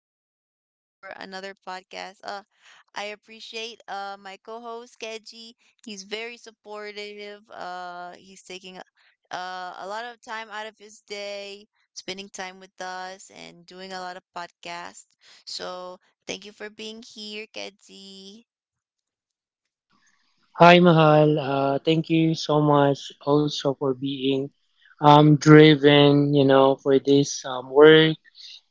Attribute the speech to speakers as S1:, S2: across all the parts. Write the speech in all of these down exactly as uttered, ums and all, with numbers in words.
S1: guys. Thank you for another podcast. Uh I appreciate uh my co-host Keji. He's very supportive. Uh he's taking uh a lot of time out of his day, spending time with us and doing a lot of podcasts. So, thank you for being here, Keji.
S2: Hi, Mahal. Uh, thank you so much also for being um, driven, you know, for this um, work.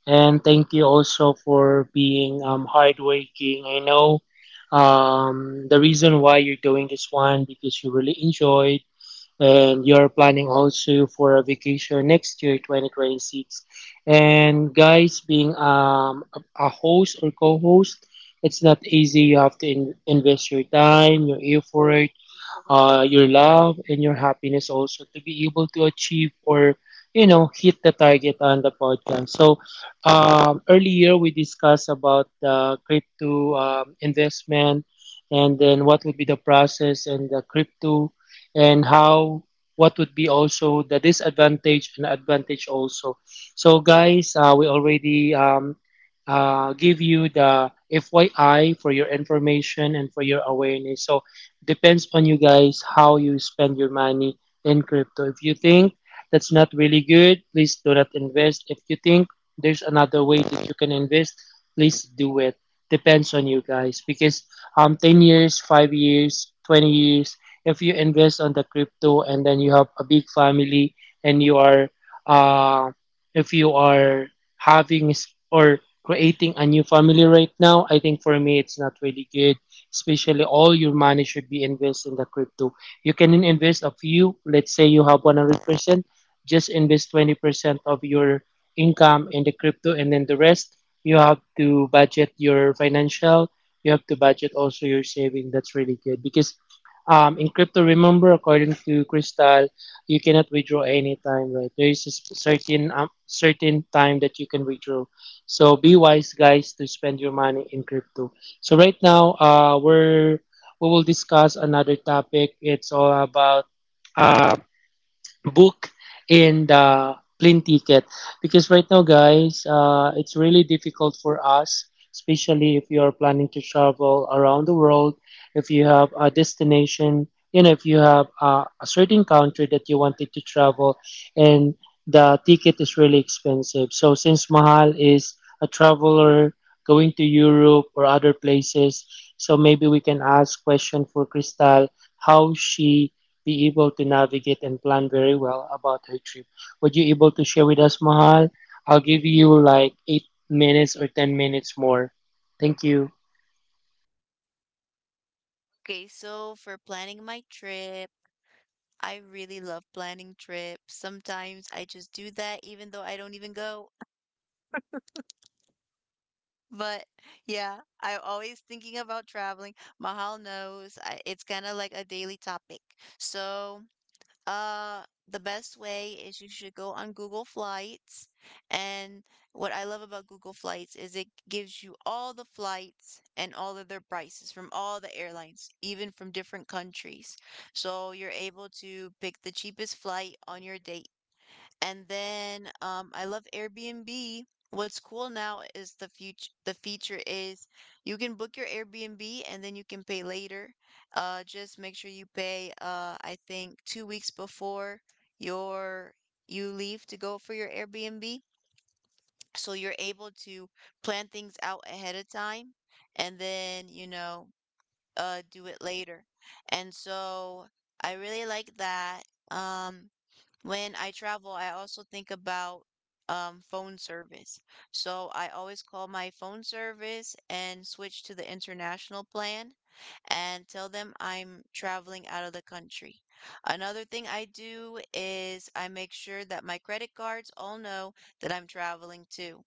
S2: And thank you also for being um, hardworking. I know um, the reason why you're doing this one because you really enjoyed and you're planning also for a vacation next year, twenty twenty-six. And guys, being um, a a host or co-host, it's not easy. You have to in- invest your time, your effort, uh, your love and your happiness also to be able to achieve or you know hit the target on the podcast. So um, earlier we discussed about the crypto um, investment and then what would be the process and the crypto and how, what would be also the disadvantage and advantage also. So guys, uh, we already um, uh, give you the F Y I, for your information and for your awareness. So depends on you guys how you spend your money in crypto. If you think that's not really good, please do not invest. If you think there's another way that you can invest, please do it. Depends on you guys because um ten years, five years, twenty years, if you invest on the crypto and then you have a big family and you are, uh if you are having s- or creating a new family right now, I think for me it's not really good, especially all your money should be invested in the crypto. You can invest a few, let's say you have one hundred percent, just invest twenty percent of your income in the crypto and then the rest you have to budget your financial, you have to budget also your saving. That's really good because um, in crypto, remember, according to Crystal, you cannot withdraw anytime, right? There is a s- certain um, certain time that you can withdraw. So be wise, guys, to spend your money in crypto. So right now, uh, we're we will discuss another topic. It's all about uh, book in the plane ticket because right now guys, uh, it's really difficult for us, especially if you are planning to travel around the world, if you have a destination, you know, if you have a, a certain country that you wanted to travel and the ticket is really expensive. So since Mahal is a traveler going to Europe or other places, so maybe we can ask question for Crystal how she be able to navigate and plan very well about her trip. Would you able to share with us, Mahal? I'll give you like eight minutes or ten minutes more. Thank you.
S1: Okay, so for planning my trip, I really love planning trips. Sometimes I just do that even though I don't even go. But yeah, I'm always thinking about traveling. Mahal knows I, it's kind of like a daily topic. So, uh, the best way is you should go on Google Flights. And what I love about Google Flights is it gives you all the flights and all of their prices from all the airlines, even from different countries. So you're able to pick the cheapest flight on your date, and then um, I love Airbnb. What's cool now is the future. The feature is you can book your Airbnb and then you can pay later. Uh, just make sure you pay. Uh, I think two weeks before your you leave to go for your Airbnb, so you're able to plan things out ahead of time, and then you know, uh do it later. And so I really like that. Um, when I travel, I also think about um, phone service. So I always call my phone service and switch to the international plan and tell them I'm traveling out of the country. Another thing I do is I make sure that my credit cards all know that I'm traveling too,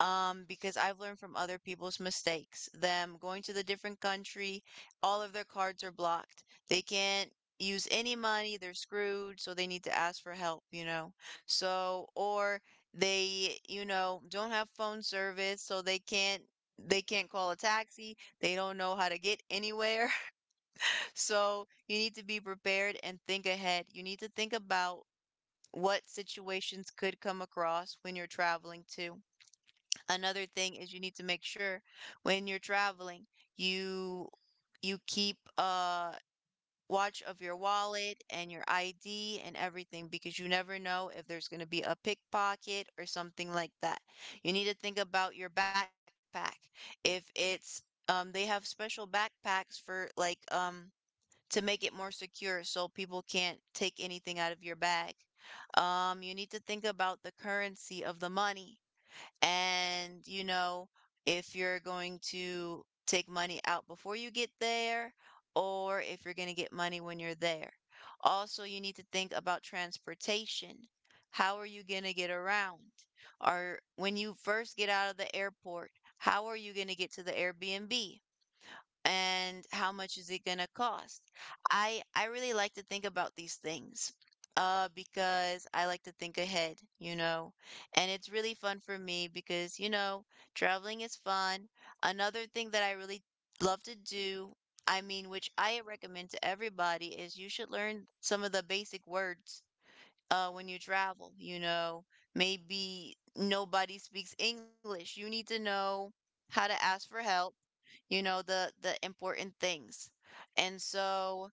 S1: um, because I've learned from other people's mistakes. Them going to the different country, all of their cards are blocked. They can't use any money, they're screwed, so they need to ask for help, you know. So, or they, you know, don't have phone service, so they can't, they can't call a taxi. They don't know how to get anywhere. So, you need to be prepared and think ahead. You need to think about what situations could come across when you're traveling too. Another thing is you need to make sure when you're traveling, you you keep uh watch of your wallet and your I D and everything because you never know if there's going to be a pickpocket or something like that. You need to think about your backpack. If it's um they have special backpacks for like, um to make it more secure so people can't take anything out of your bag. Um you need to think about the currency of the money and, you know, if you're going to take money out before you get there, or if you're going to get money when you're there. Also, you need to think about transportation. How are you going to get around? Or when you first get out of the airport, how are you going to get to the Airbnb? And how much is it gonna cost? I I really like to think about these things, uh, because I like to think ahead, you know, and it's really fun for me because you know traveling is fun. Another thing that I really love to do, I mean, which I recommend to everybody, is you should learn some of the basic words. Uh, when you travel, you know, maybe nobody speaks English. You need to know how to ask for help, you know, the the important things. And so,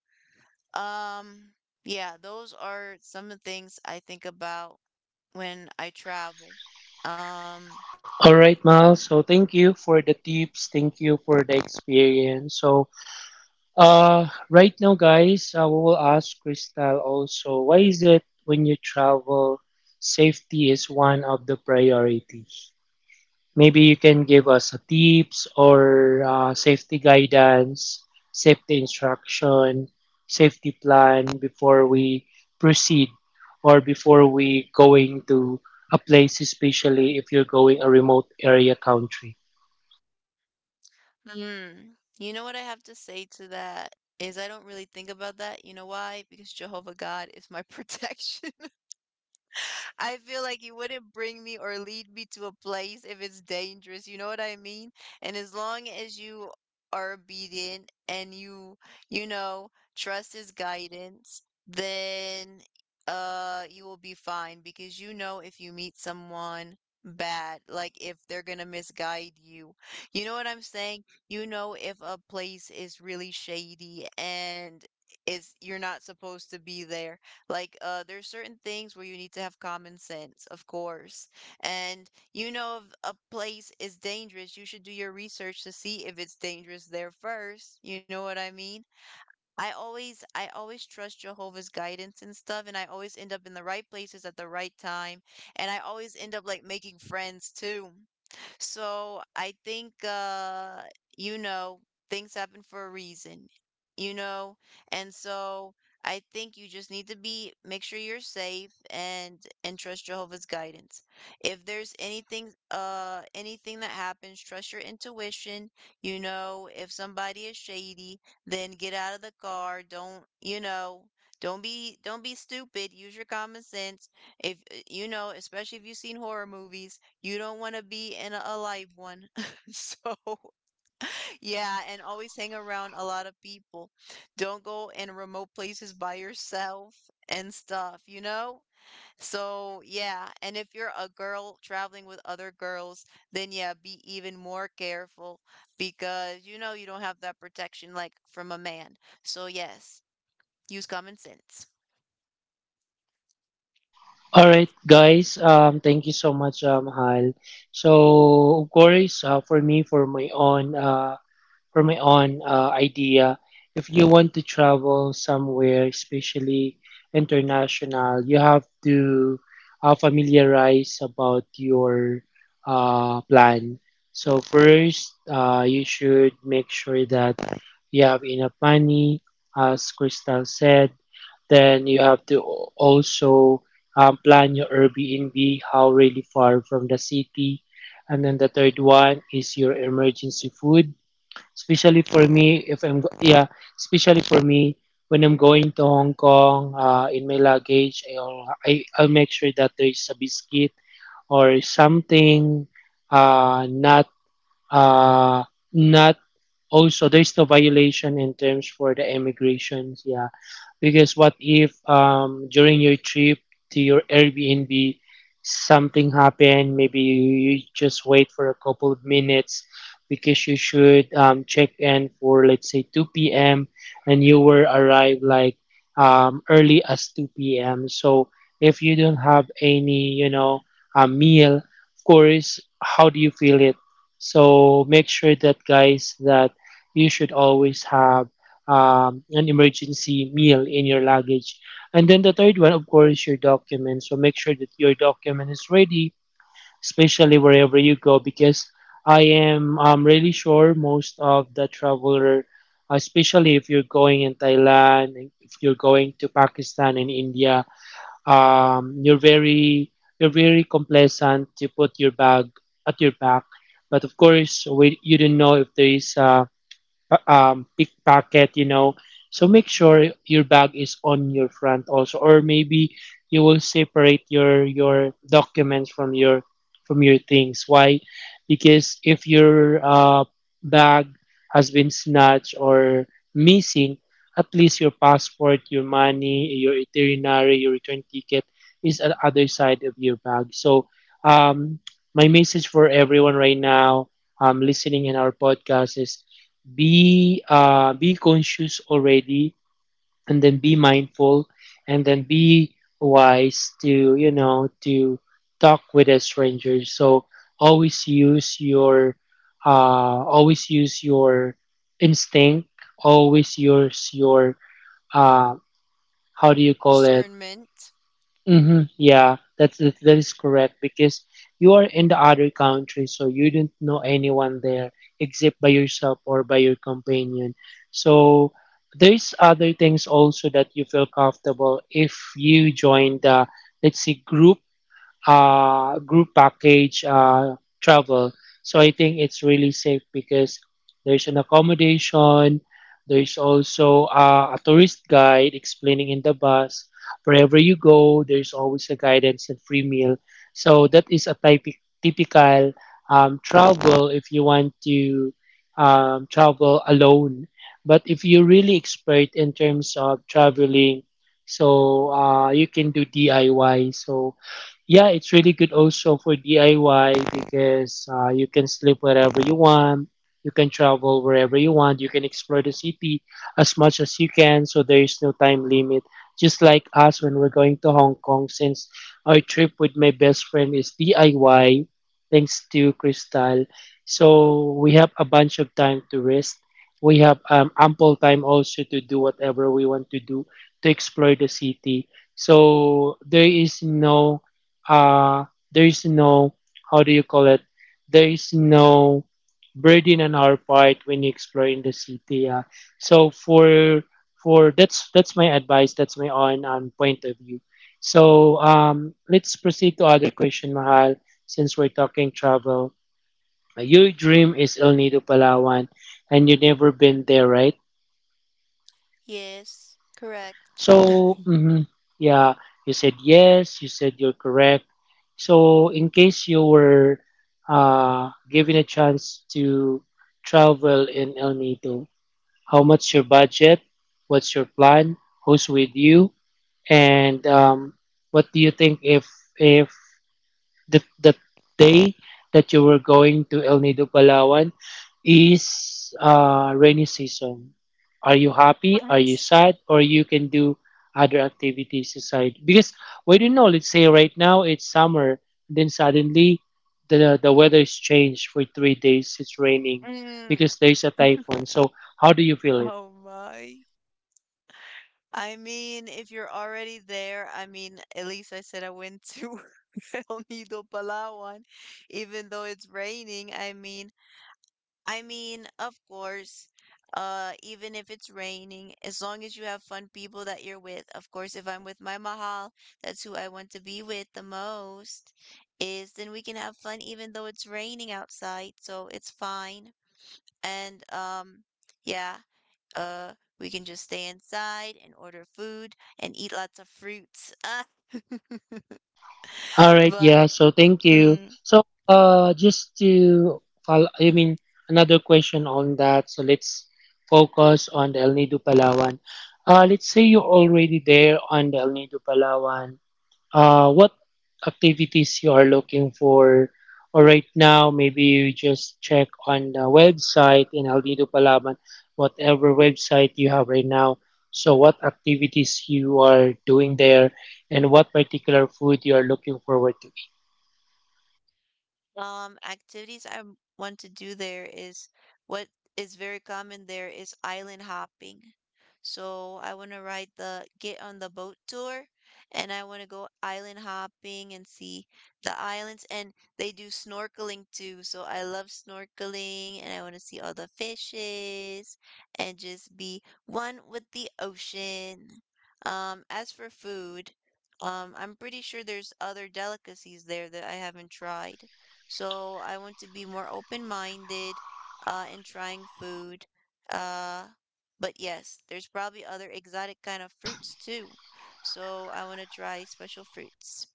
S1: um, yeah, those are some of the things I think about when I travel. Um,
S2: All right, Mahal. So thank you for the tips. Thank you for the experience. So, uh, right now, guys, uh, we will ask Crystal also. Why is it when you travel, safety is one of the priority? Maybe you can give us a tips or uh, safety guidance, safety instruction, safety plan before we proceed or before we going to a place, especially if you're going a remote area country.
S1: hmm, you know what I have to say to that is I don't really think about that. You know why? Because Jehovah God is my protection. I feel like you wouldn't bring me or lead me to a place if it's dangerous. You know what I mean? And as long as you are obedient and you, you know, trust his guidance, then uh you will be fine because you know if you meet someone bad, like if they're gonna misguide you. You know what I'm saying? You know if a place is really shady and it's you're not supposed to be there like, uh, there's certain things where you need to have common sense, of course. And you know if a place is dangerous, you should do your research to see if it's dangerous there first. You know what I mean? I always I always trust Jehovah's guidance and stuff, and I always end up in the right places at the right time, and I always end up like making friends too. So I think, uh, you know, things happen for a reason, you know? And so I think you just need to be, make sure you're safe, and and trust Jehovah's guidance. If there's anything, uh, anything that happens, trust your intuition. You know, if somebody is shady, then get out of the car. Don't, you know, don't be, don't be stupid. Use your common sense. If, eh, you know, especially if you've seen horror movies, you don't want to be in a live one. So, yeah, and always hang around a lot of people. Don't go in remote places by yourself and stuff, you know? So, yeah, and if you're a girl traveling with other girls, then yeah, be even more careful because you know you don't have that protection like from a man. So, yes, use common sense.
S2: All right, guys. Um, thank you so much, um, Hal. So, of course, uh, for me, for my own. Uh, for my own uh, idea, if you want to travel somewhere, especially international, you have to uh, familiarize about your uh, plan. So first, uh, you should make sure that you have enough money, as Crystal said. Then you have to also um, plan your Airbnb, how really far from the city. And then the third one is your emergency food, especially for me if I'm go- yeah, especially for me when I'm going to Hong Kong, uh, in my luggage, I'll I, I'll make sure that there is a biscuit or something, uh, not uh, not also there's no violation in terms for the immigrations, yeah. Because what if um, during your trip to your Airbnb, something happened? Maybe you just wait for a couple of minutes because you should um, check in for let's say two p m and you were arrived like um, early as two p m. So if you don't have any, you know, a meal, of course, how do you feel it? So make sure that guys that you should always have um, an emergency meal in your luggage. And then the third one, of course, your documents. So make sure that your document is ready, especially wherever you go, because I am um, really sure most of the traveler, especially if you're going in Thailand, if you're going to Pakistan and India, um, you're very, you're very complacent to put your bag at your back. But of course, we, you don't know if there is um, uh, um, pickpocket, you know. So make sure your bag is on your front also, or maybe you will separate your your documents from your, from your things. Why? Because if your uh, bag has been snatched or missing, at least your passport, your money, your itinerary, your return ticket is at other side of your bag. So um, my message for everyone right now um, listening in our podcast is be uh, be conscious already and then be mindful and then be wise to you know to talk with a stranger. So always use your, uh, always use your instinct, always use your, uh, how do you call it?
S1: Discernment.
S2: Hmm, yeah, that's that that is correct because you are in the other country, so you don't know anyone there except by yourself or by your companion. So there's other things also that you feel comfortable if you join the, let's say, group uh, group package uh, travel. So I think it's really safe because there's an accommodation, there's also uh, a tourist guide explaining in the bus. Wherever you go, there's always a guidance and free meal. So that is a type, typical um, travel if you want to um, travel alone. But if you're really expert in terms of traveling, so uh, you can do D I Y. So yeah, it's really good also for D I Y because uh, you can sleep wherever you want, you can travel wherever you want, you can explore the city as much as you can, so there is no time limit. Just like us when we're going to Hong Kong, since our trip with my best friend is D I Y, thanks to Crystal. So we have a bunch of time to rest. We have um, ample time also to do whatever we want to do, to explore the city. So there is no, uh, there is no, how do you call it? There is no burden on our part when you explore in the city. Uh, so for for that's that's my advice. That's my own um, point of view. So um, let's proceed to other question, Mahal. Since we're talking travel, Uh, your dream is El Nido, Palawan, and you never been there, right?
S1: Yes, correct.
S2: So, mhm, yeah, you said yes, you said you're correct. So, in case you were uh, given a chance to travel in El Nido, how much your budget? What's your plan? Who's with you? And um, what do you think if if the the day that you were going to El Nido, Palawan is uh, rainy season. Are you happy? Are you
S1: What?
S2: sad? Or you can do other activities aside. Because we don't know. Let's say right now it's summer, then suddenly the the weather is changed for three days. It's raining
S1: Mm.
S2: because there's a typhoon. So how do you feel it?
S1: Oh my. I mean, if you're already there, I mean, at least I said I went to El Nido Palawan, even though it's raining. I mean, I mean, of course, uh, even if it's raining, as long as you have fun people that you're with. Of course, if I'm with my mahal, that's who I want to be with the most, is then we can have fun even though it's raining outside, so it's fine. And um, yeah. Uh, we can just stay inside and order food and eat lots of fruits.
S2: All right,
S1: but
S2: yeah. So thank you.
S1: mm,
S2: So uh just to follow, I mean, another question on that. So let's focus on the El Nido Palawan. Uh let's say you're already there on the El Nido Palawan. Uh, what activities you are looking for. Or right now, maybe you just check on the website in El Nido Palaman, whatever website you have right now. So, what activities you are doing there, and what particular food you are looking forward to.
S1: Um, activities I m- want to do there is what is very common there is island hopping. So I want to ride the get on the boat tour and I want to go island hopping and see the islands, and they do snorkeling too. So I love snorkeling and I want to see all the fishes and just be one with the ocean. Um, as for food, um, I'm pretty sure there's other delicacies there that I haven't tried. So I want to be more open-minded, uh, in trying food. Uh, but yes, there's probably other exotic kind of fruits too. So I want to try special fruits.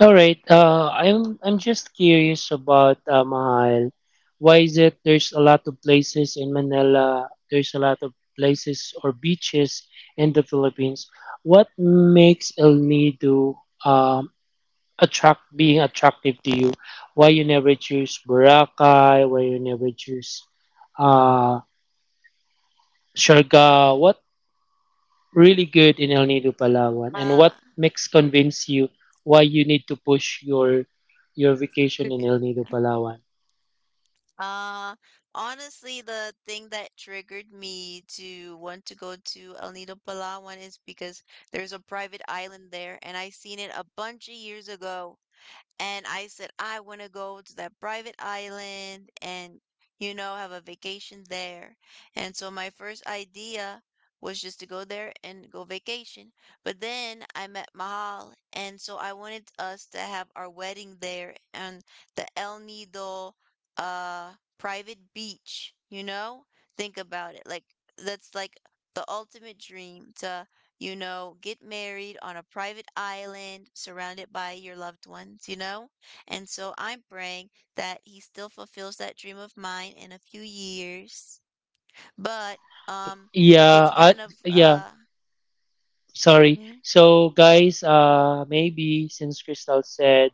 S2: All right. Uh, I'm I'm just curious about, uh, Mahal. Why is it there's a lot of places in Manila? There's a lot of places or beaches in the Philippines. What makes El Nido um, attract being attractive to you? Why you never choose Boracay? Why you never choose, uh, Siargao? What really good in El Nido, Palawan? And
S1: Uh,
S2: what makes convince you why you need to push your your vacation in El Nido, Palawan?
S1: uh, honestly, the thing that triggered me to want to go to El Nido Palawan is because there's a private island there, and I seen it a bunch of years ago. And I said, I want to go to that private island and, you know, have a vacation there. And so my first idea was just to go there and go vacation. But then I met Mahal. And so I wanted us to have our wedding there on the El Nido, uh, private beach, you know? Think about it. Like, that's like the ultimate dream to, you know, get married on a private island surrounded by your loved ones, you know? And so I'm praying that he still fulfills that dream of mine in a few years. But um it's
S2: Yeah, uh,
S1: kind of
S2: yeah.
S1: uh
S2: Sorry.
S1: hmm,
S2: So, guys, uh, maybe since Crystal said,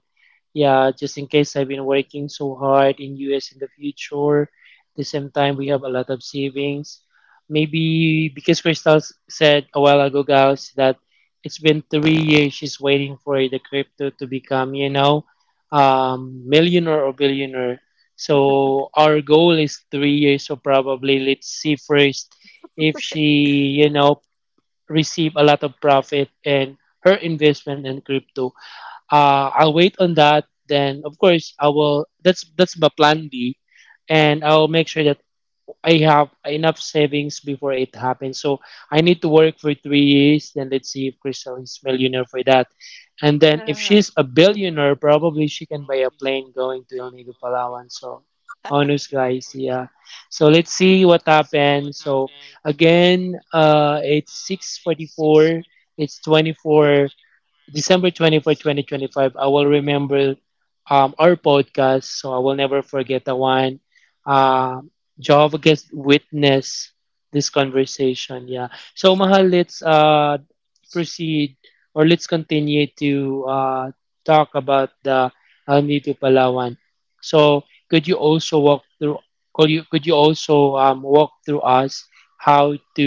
S2: yeah, just in case I've been working so hard in U S in the future. At the same time, we have a lot of savings. Maybe because Crystal s- said a while ago, guys, that it's been three years she's waiting for the crypto to become, you know, um, millionaire or billionaire. So our goal is three years. So probably let's see first if she, you know, receive a lot of profit and her investment in crypto, uh, I'll wait on that. Then, of course, I will. That's that's my plan B, and I'll make sure that I have enough savings before it happens. So I need to work for three years. Then let's see if Crystal is millionaire for that. And then if she's a billionaire, probably she can buy a plane going to El Nido, Palawan. So honest guys, yeah. So let's see what happens. So again, uh, it's six forty-four. It's twenty-four. December twenty-fourth, twenty twenty-five, I will remember um, our podcast. So I will never forget the one. Um, Jehovah gets Witness, this conversation. Yeah. So, Mahal, let's uh, proceed or let's continue to uh, talk about the Almi to Palawan. So could you also walk through could you could you also um, walk through us how to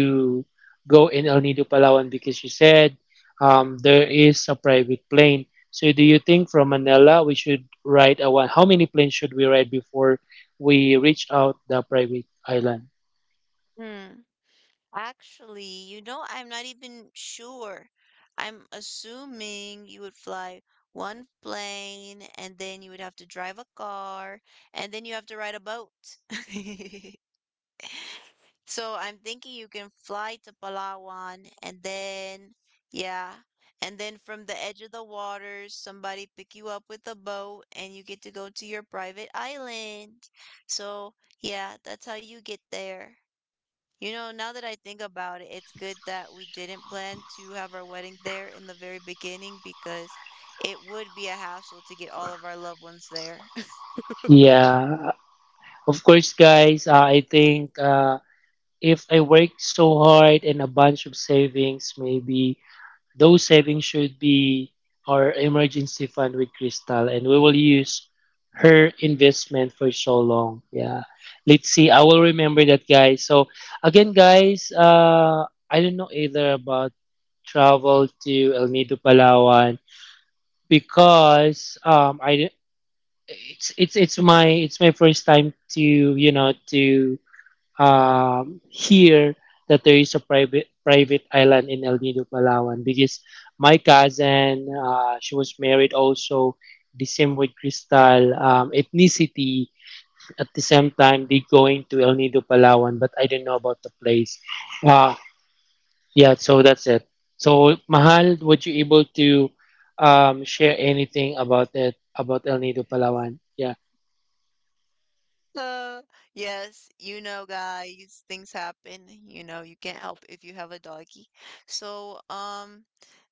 S2: go in El Nido Palawan because you said um, there is a private plane. So do you think from Manila we should ride a one? How many planes should we ride before we reach out the private island?
S1: hmm, actually, you know, I'm not even sure. I'm assuming you would fly one plane and then you would have to drive a car and then you have to ride a boat. So I'm thinking you can fly to Palawan and then, yeah, and then from the edge of the waters, somebody pick you up with a boat and you get to go to your private island. So, yeah, that's how you get there. You know, now that I think about it, it's good that we didn't plan to have our wedding there in the very beginning because it would be a hassle to get all of our loved ones there.
S2: Yeah, of course, guys. Uh, I think. Uh, if I worked so hard and a bunch of savings, maybe those savings should be our emergency fund with Crystal, and we will use her investment for so long. Yeah, let's see. I will remember that, guys. So again, guys, uh, I don't know either about travel to El Nido, Palawan, because um, I it's it's it's my it's my first time to you know to um, hear that there is a private private island in El Nido, Palawan, because my cousin, uh, she was married also the same with Crystal um, ethnicity. At the same time, they going to El Nido, Palawan, but I don't know about the place. Uh, yeah, so that's it. So Mahal, would you able to um, share anything about it about El Nido, Palawan? Yeah.
S1: Uh, yes, you know, guys, things happen. You know, you can't help if you have a doggy. So, um,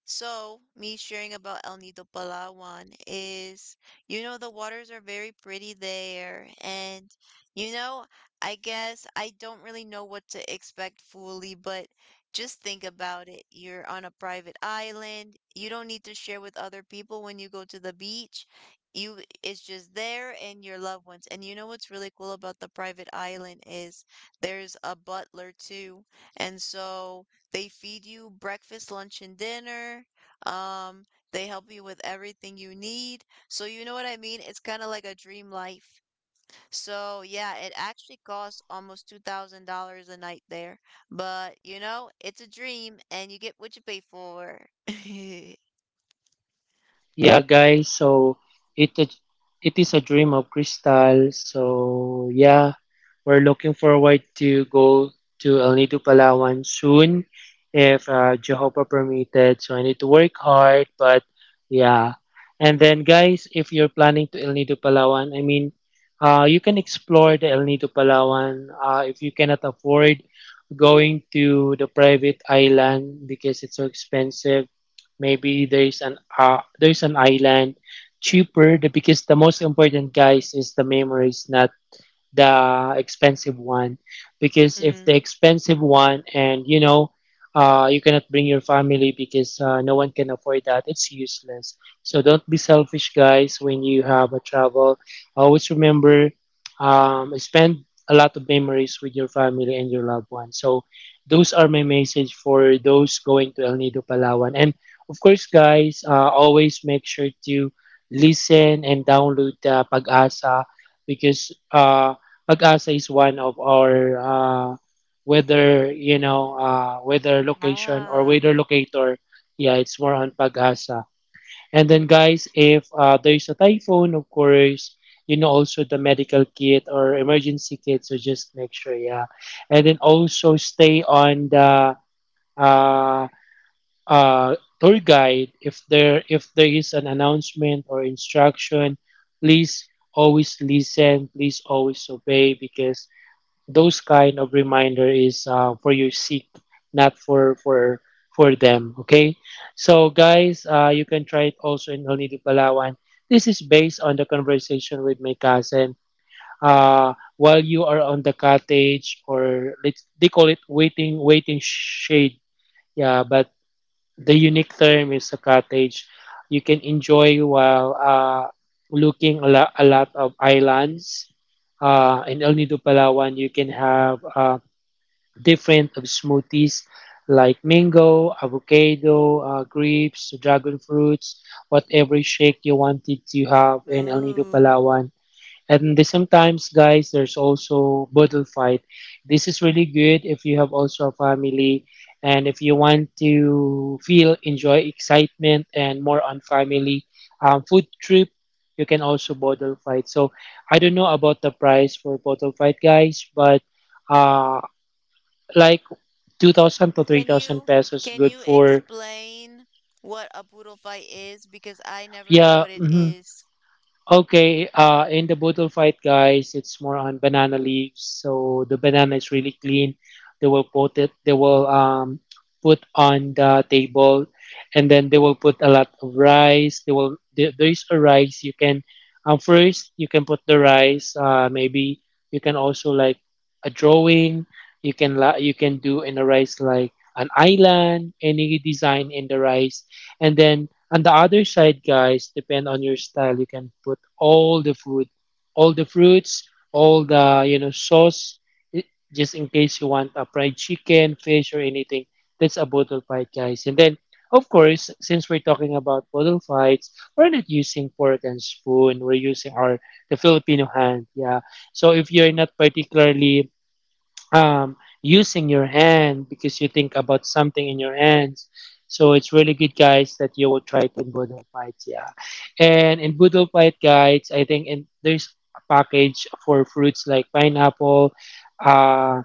S1: so me sharing about El Nido Palawan is, you know, the waters are very pretty there, and you know, I guess I don't really know what to expect fully, but just think about it. You're on a private island. You don't need to share with other people when you go to the beach. You It's just there and your loved ones. And you know what's really cool about the private island is there's a butler too. And so they feed you breakfast, lunch, and dinner. Um, they help you with everything you need. So you know what I mean? It's kind of like a dream life. So yeah, it actually costs almost two thousand dollars a night there. But you know, it's a dream and you get what you pay for.
S2: Yeah, guys. So it is- it is a dream of Crystal. So yeah, we're looking forward to go to El Nido, Palawan soon, if uh, Jehovah permitted. So I need to work hard, but yeah. And then, guys, if you're planning to El Nido, Palawan, I mean, uh, you can explore the El Nido, Palawan. Uh, if you cannot afford going to the private island because it's so expensive. Maybe there's an uh, there's an island cheaper. The because the most important guys is the memories, not the expensive one, because if the
S1: Mm.
S2: expensive one and you know uh, you cannot bring your family because uh, no one can afford that, it's useless. So don't be selfish guys when you have a travel, always remember um, spend a lot of memories with your family and your loved ones. So those are my message for those going to El Nido Palawan. And of course guys, uh, always make sure to listen and download the Pag-asa, because uh, Pag-asa is one of our uh, weather, you know, uh, weather location or
S1: Ah,
S2: weather locator. Yeah, it's more on Pag-asa. And then guys, if uh, there's a typhoon, of course, you know, also the medical kit or emergency kit. So just make sure, yeah. And then also stay on the uh, uh, tour guide. If there if there is an announcement or instruction, please always listen. Please always obey, because those kind of reminder is uh, for your seek, not for for for them, okay? So guys, uh, you can try it also in El Nido Palawan. This is based on the conversation with my cousin, uh, while you are on the cottage, or let's they call it waiting waiting shade, yeah. But the unique term is a cottage. You can enjoy while uh, looking a, lot a lot of islands uh, in El Nido Palawan. You can have uh, different of smoothies like mango, avocado, uh, grapes, dragon fruits, whatever shake you wanted to have in El Nido
S1: ooh.
S2: Palawan. And the, sometimes, guys, there's also bottle fight. This is really good if you have also a family, and if you want to feel enjoy excitement and more on family um, food trip. You can also bottle fight. So I don't know about the price for bottle fight, guys, but uh, like Two thousand to three
S1: Can
S2: thousand
S1: you
S2: pesos
S1: can
S2: good
S1: you
S2: for
S1: explain what a poodle fight is? Because I never know
S2: yeah
S1: what it
S2: mhm.
S1: is.
S2: Okay, uh, in the bottle fight, guys, it's more on banana leaves. So the banana is really clean. They will put it. They will um put on the table, and then they will put a lot of rice. They will there, there is a rice you can um first you can put the rice. Uh, maybe you can also like a drawing. You can la- you can do in the rice like an island, any design in the rice, and then on the other side, guys, depend on your style. You can put all the food, all the fruits, all the you know sauce, i- just in case you want a fried chicken, fish, or anything. That's a bottle fight, guys. And then, of course, since we're talking about bottle fights, we're not using fork and spoon. We're using our the Filipino hand. Yeah. So if you're not particularly um, using your hand because you think about something in your hands. So it's really good, guys, that you will try it in Boodle Fights. Yeah, and in Boodle Fight, guys, I think in, there's a package for fruits like pineapple, uh,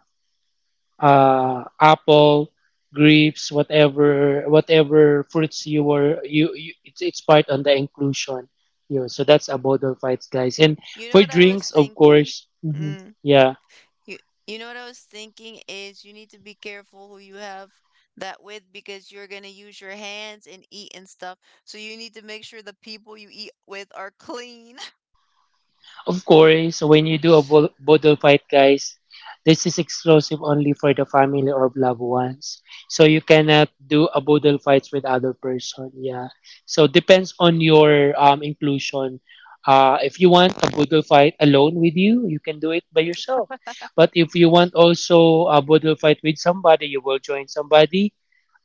S2: uh, apple, grapes, whatever, whatever fruits you were you, you it's, it's part on the inclusion. Yeah, so that's a Boodle Fights, guys, and
S1: You know
S2: for
S1: what I was
S2: drinks, of
S1: thinking?
S2: course. Hmm.
S1: Mm,
S2: Yeah.
S1: you you know what I was thinking is you need to be careful who you have that with because you're gonna use your hands and eat and stuff. So you need to make sure the people you eat with are clean.
S2: Of course, when you do a bo- bottle fight, guys, this is exclusive only for the family or loved ones. So you cannot do a bottle fights with other person. Yeah. So depends on your um inclusion. Uh, if you want a bottle fight alone with you, you can do it by yourself. But if you want also a bottle fight with somebody, you will join somebody.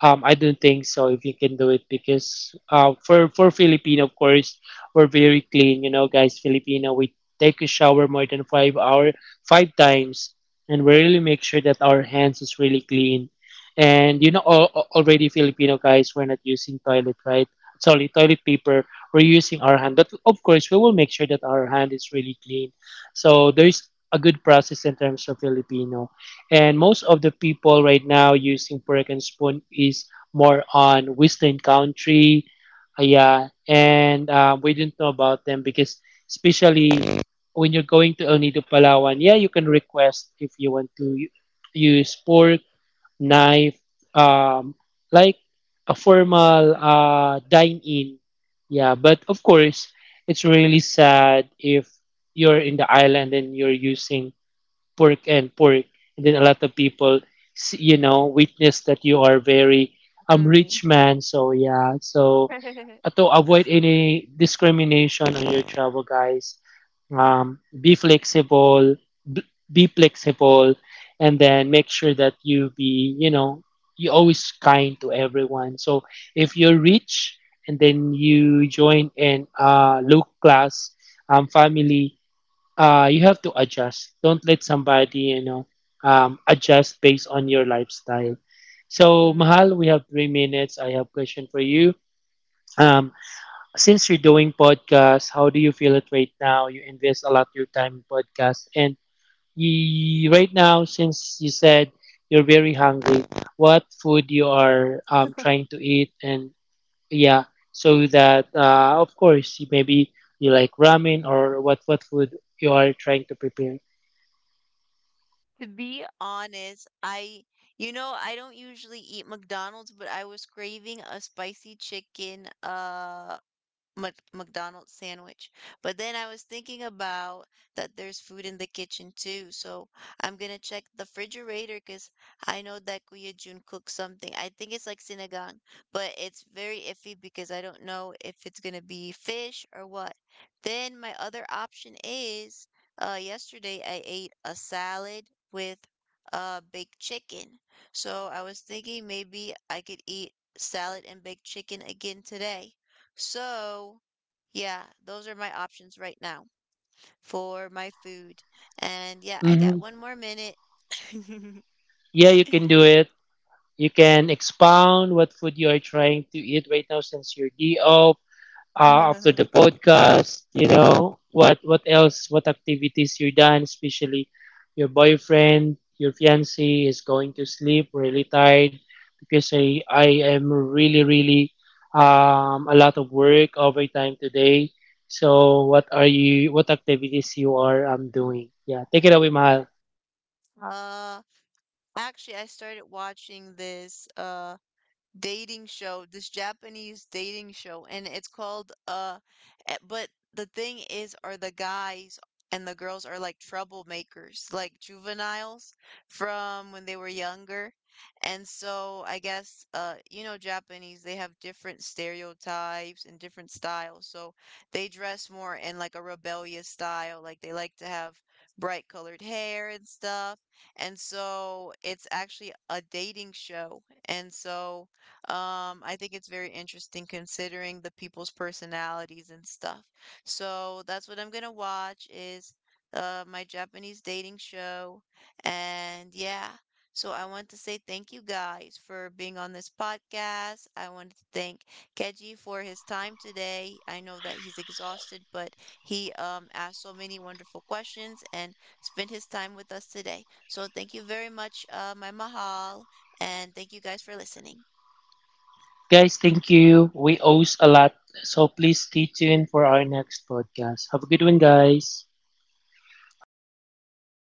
S2: Um, I don't think so if you can do it because uh, for for Filipino, of course, we're very clean, you know, guys. Filipino, we take a shower more than five hour five times, and we really make sure that our hands is really clean. And you know, al- al- already Filipino guys, we're not using toilet, right? Sorry, toilet paper. We're using our hand, but of course, we will make sure that our hand is really clean. So there is a good process in terms of Filipino, and most of the people right now using fork and spoon is more on Western country, uh, yeah, and uh, we didn't know about them, because especially when you're going to El Nido, Palawan, yeah, you can request if you want to u- use fork, knife, um, like a formal uh, dine-in. Yeah, but of course, it's really sad if you're in the island and you're using pork and pork. And then a lot of people, s- you know, witness that you are very um rich man. So yeah, so uh, to avoid any discrimination on your travel, guys. Um, be flexible, b- be flexible, and then make sure that you be, you know, you always kind to everyone. So if you're rich and then you join in a low class um, family, uh, you have to adjust. Don't let somebody, you know, um, adjust based on your lifestyle. So,
S1: Mm.
S2: Mahal, we have three minutes. I have question for you. Um, since you're doing podcast, how do you feel it right now? You invest a lot of your time in podcast, and you, right now, since you said you're very hungry, what food you are um, trying to eat, and yeah, so that uh, of course you- maybe you like ramen or what what food you are trying to prepare.
S1: Be honest, I you know I don't usually eat McDonald's, but I was craving a spicy chicken, uh Mc McDonald's sandwich. But then I was thinking about that there's food in the kitchen too, so I'm gonna check the refrigerator because I know that Kuya Jun cooked something. I think it's like sinigang, but it's very iffy because I don't know if it's gonna be fish or what. Then my other option is, uh, yesterday I ate a salad with uh baked chicken. So I was thinking maybe I could eat salad and baked chicken again today. So, yeah, those are my options right now for my food. And yeah, I
S2: Hmm.
S1: got one more minute.
S2: Yeah, you can do it. You can expound what food you are trying to eat right now since you're D O uh, after the podcast. You know what? What else? What activities you done? Especially your boyfriend, your fiance is going to sleep really tired because I I am really really um a lot of work overtime today. So what are you? What activities you are um doing? Yeah, take it away, Mahal.
S1: Uh, Actually, I started watching this uh dating show, this Japanese dating show, and it's called uh eh, but the thing is are the guys and the girls are like troublemakers, like juveniles from when they were younger. And so I guess uh you know Japanese, they have different stereotypes and different styles. So they dress more in like a rebellious style, like they like to have bright colored hair and stuff. And so it's actually a dating show. And so um, I think it's very interesting considering the people's personalities and stuff. So that's what I'm gonna watch is uh my Japanese dating show. And yeah, so I want to say thank you guys for being on this podcast. I want to thank Keji for his time today. I know that he's exhausted, but he um asked so many wonderful questions and spent his time with us today. So thank you very much, uh, my Mahal, and thank you guys for listening.
S2: Guys, thank you. We owes a lot. So please stay tuned for our next podcast. Have a good one, guys. Alright, mahal. I'll stay